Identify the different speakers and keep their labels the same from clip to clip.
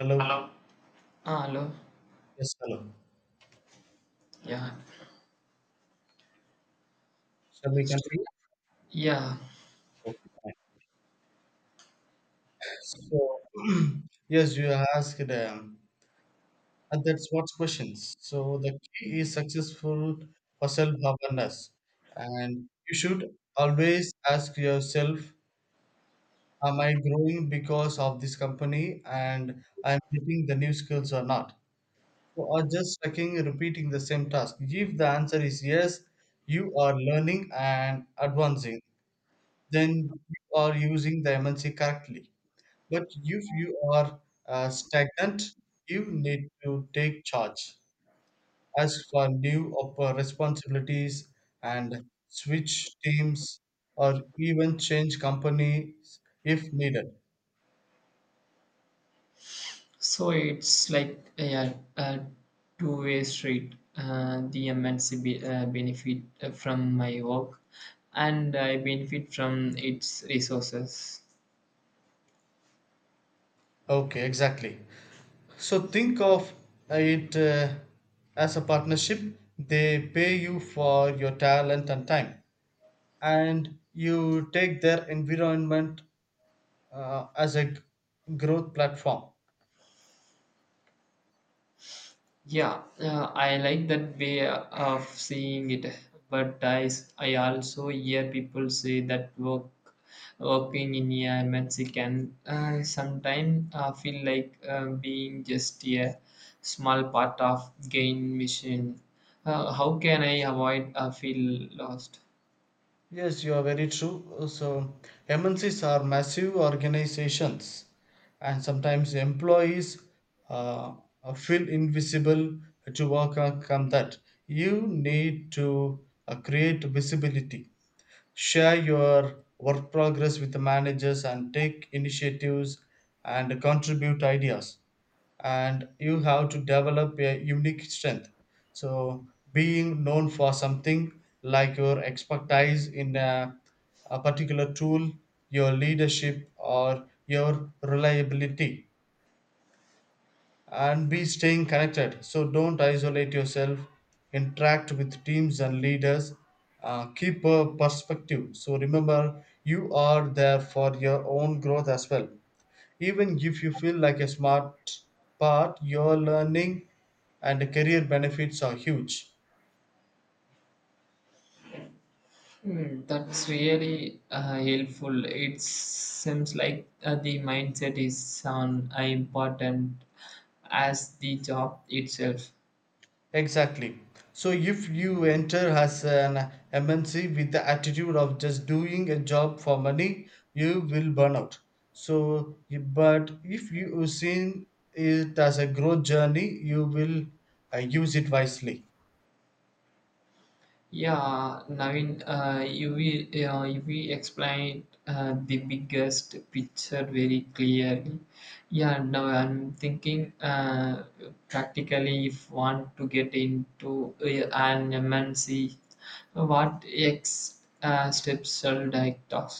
Speaker 1: Hello.
Speaker 2: Hello. Ah, hello.
Speaker 1: Yes, hello.
Speaker 2: Yeah.
Speaker 1: Shall we continue?
Speaker 2: Yeah.
Speaker 1: Okay, fine. So, yes, you asked, and that's what's questions. So, the key is successful for self awareness. And you should always ask yourself, am I growing because of this company and I'm getting the new skills or not? So, or just checking, repeating the same task. If the answer is yes, you are learning and advancing, then you are using the MNC correctly. But if you are stagnant, you need to take charge. As for new responsibilities and switch teams or even change companies if needed.
Speaker 2: So it's like a two-way street. The MNC benefit from my work, and I benefit from its resources.
Speaker 1: Okay, exactly. So think of it as a partnership. They pay you for your talent and time, and you take their environment as a growth platform.
Speaker 2: Yeah, I like that way of seeing it. But I also hear people say that working in a Mexican sometimes feel like being just a small part of gain mission. How can I avoid feel lost?
Speaker 1: Yes, you are very true. So, MNCs are massive organizations, and sometimes employees uh, feel invisible to overcome that. You need to create visibility, share your work progress with the managers and take initiatives and contribute ideas, and you have to develop a unique strength, so being known for something like your expertise in a particular tool, your leadership or your reliability, and be staying connected. So don't isolate yourself. Interact with teams and leaders. Keep a perspective. So remember, you are there for your own growth as well. Even if you feel like a smart part, your learning and career benefits are huge.
Speaker 2: Hmm, that's really helpful. It seems like the mindset is on important as the job itself.
Speaker 1: Exactly. So if you enter as an MNC with the attitude of just doing a job for money, you will burn out. So, but if you seen it as a growth journey, you will use it wisely.
Speaker 2: Yeah, Naveen, you will explain the biggest picture very clearly. Yeah, now I'm thinking practically if want to get into an MNC, what ex steps should I talk?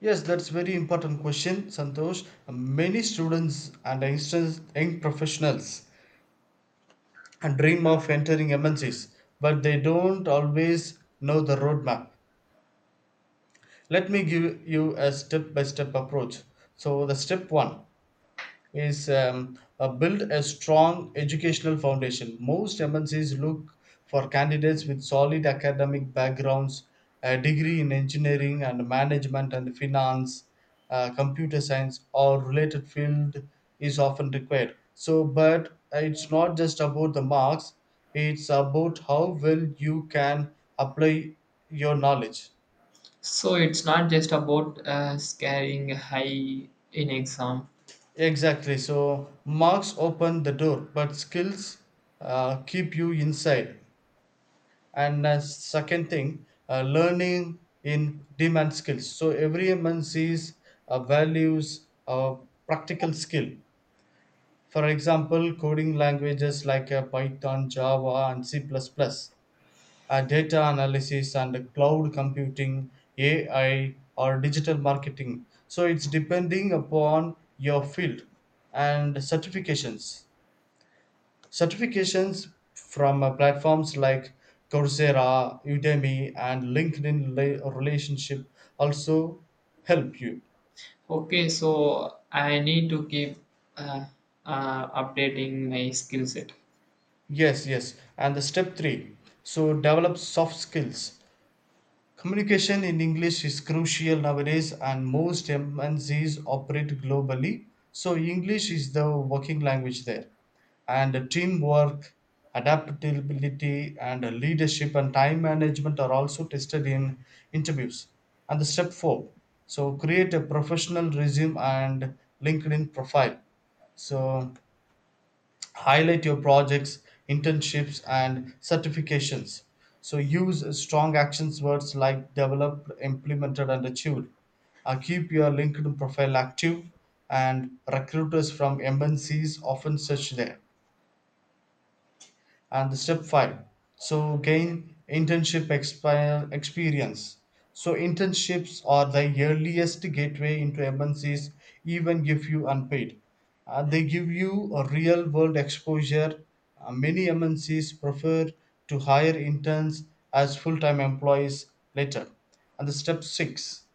Speaker 1: Yes, that's very important question, Santosh. Many students and instance young professionals and dream of entering MNCs, but they don't always know the roadmap. Let me give you a step by step approach. So the step one is build a strong educational foundation. Most mncs look for candidates with solid academic backgrounds. A degree in engineering and management and finance, computer science or related field is often required, so but it's not just about the marks, it's about how well you can apply your knowledge.
Speaker 2: So it's not just about scaring high in exam.
Speaker 1: Exactly. So marks open the door, but skills keep you inside. And second thing, learning in demand skills. So every man sees values practical skill. For example, coding languages like Python, Java, and C++. Plus plus data analysis and cloud computing, AI, or digital marketing. So it's depending upon your field and certifications. Certifications from platforms like Coursera, Udemy, and LinkedIn relationship also help you.
Speaker 2: Okay, so I need to keep uh, updating my skill set.
Speaker 1: Yes, yes. And the step three, so develop soft skills. Communication in English is crucial nowadays, and most MNCs operate globally. So, English is the working language there. And teamwork, adaptability, and leadership and time management are also tested in interviews. And the step four, so, create a professional resume and LinkedIn profile. So, highlight your projects, internships and certifications, so use strong action words like developed, implemented and achieved. Keep your linkedin profile active, and recruiters from mncs often search there. And the step five, so gain internship experience. So internships are the earliest gateway into A&Cs, even if you unpaid. They give you a real world exposure. Many M N cs prefer to hire interns as full-time employees later. And the step six,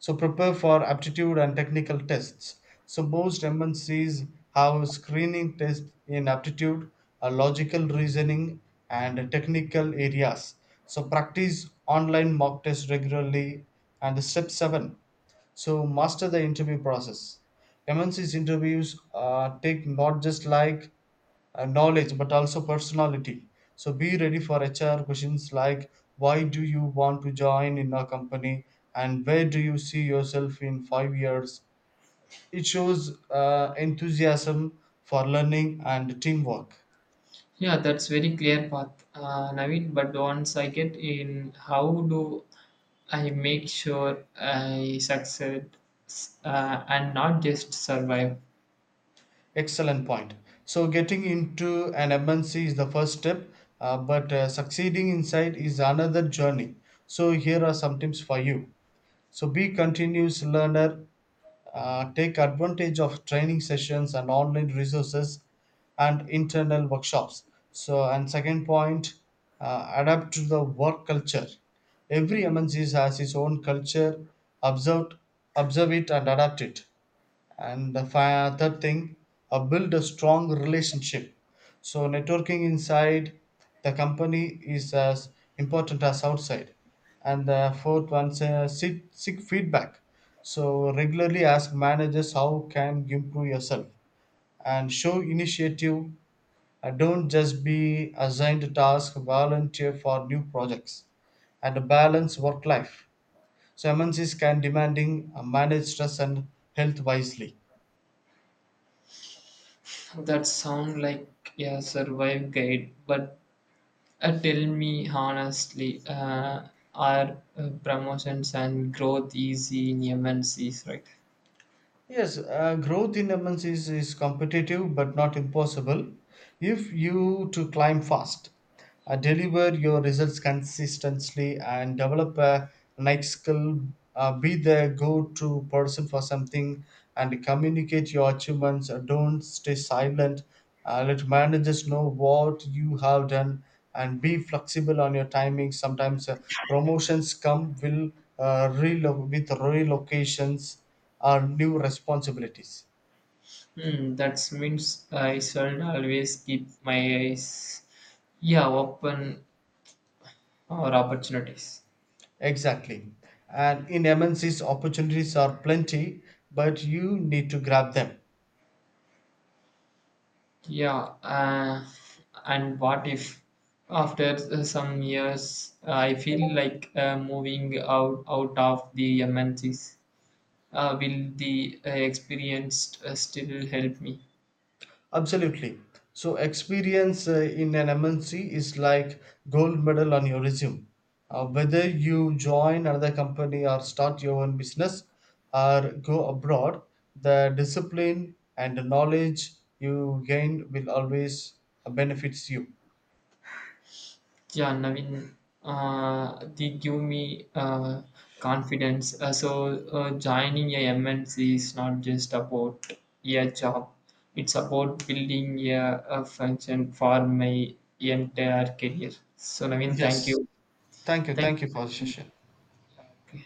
Speaker 1: so prepare for aptitude and technical tests. So most MNCs have screening tests in aptitude, logical reasoning, and technical areas. So practice online mock tests regularly. And step seven, so master the interview process. MNC's interviews take not just like knowledge but also personality. So be ready for HR questions like why do you want to join in our company and where do you see yourself in 5 years? It shows enthusiasm for learning and teamwork.
Speaker 2: Yeah, that's very clear path, Naveen. But once I get in, how do I make sure I succeed and not just survive?
Speaker 1: Excellent point. So getting into an MNC is the first step, but succeeding inside is another journey. So here are some tips for you. So be continuous learner. Take advantage of training sessions and online resources and internal workshops. So and second point, adapt to the work culture. Every MNC has its own culture. Observe, observe it and adapt it, and the third thing, build a strong relationship, so networking inside the company is as important as outside. And the fourth one, seek feedback, so regularly ask managers how can you improve yourself and show initiative. Don't just be assigned tasks, volunteer for new projects. And a balanced work life, so mnc's can demanding, manage stress and health wisely.
Speaker 2: That sound like a survive guide, but tell me honestly, are promotions and growth easy in MNCs, right?
Speaker 1: Yes, growth in MNCs is competitive but not impossible. If you to climb fast, deliver your results consistently, and develop a nice skill. Be the go-to person for something and communicate your achievements. Don't stay silent. Let managers know what you have done and be flexible on your timing. Sometimes promotions come will with relocations or new responsibilities.
Speaker 2: Hmm, that means I should always keep my eyes, yeah, open or opportunities.
Speaker 1: Exactly. And in MNCs, opportunities are plenty, but you need to grab them.
Speaker 2: Yeah, and what if after some years I feel like moving out of the MNCs? Will the experienced still help me?
Speaker 1: Absolutely. So, experience in an MNC is like gold medal on your resume. Whether you join another company or start your own business or go abroad, the discipline and the knowledge you gain will always benefits you.
Speaker 2: Yeah, Naveen, they give me confidence. So joining a MNC is not just about a job; it's about building a function for my entire career. So Naveen, thank
Speaker 1: Yes.
Speaker 2: you.
Speaker 1: Thank you.
Speaker 2: Thank
Speaker 1: Thank you
Speaker 2: you.
Speaker 1: for the
Speaker 2: Naveen.
Speaker 1: session.
Speaker 2: Yeah, okay.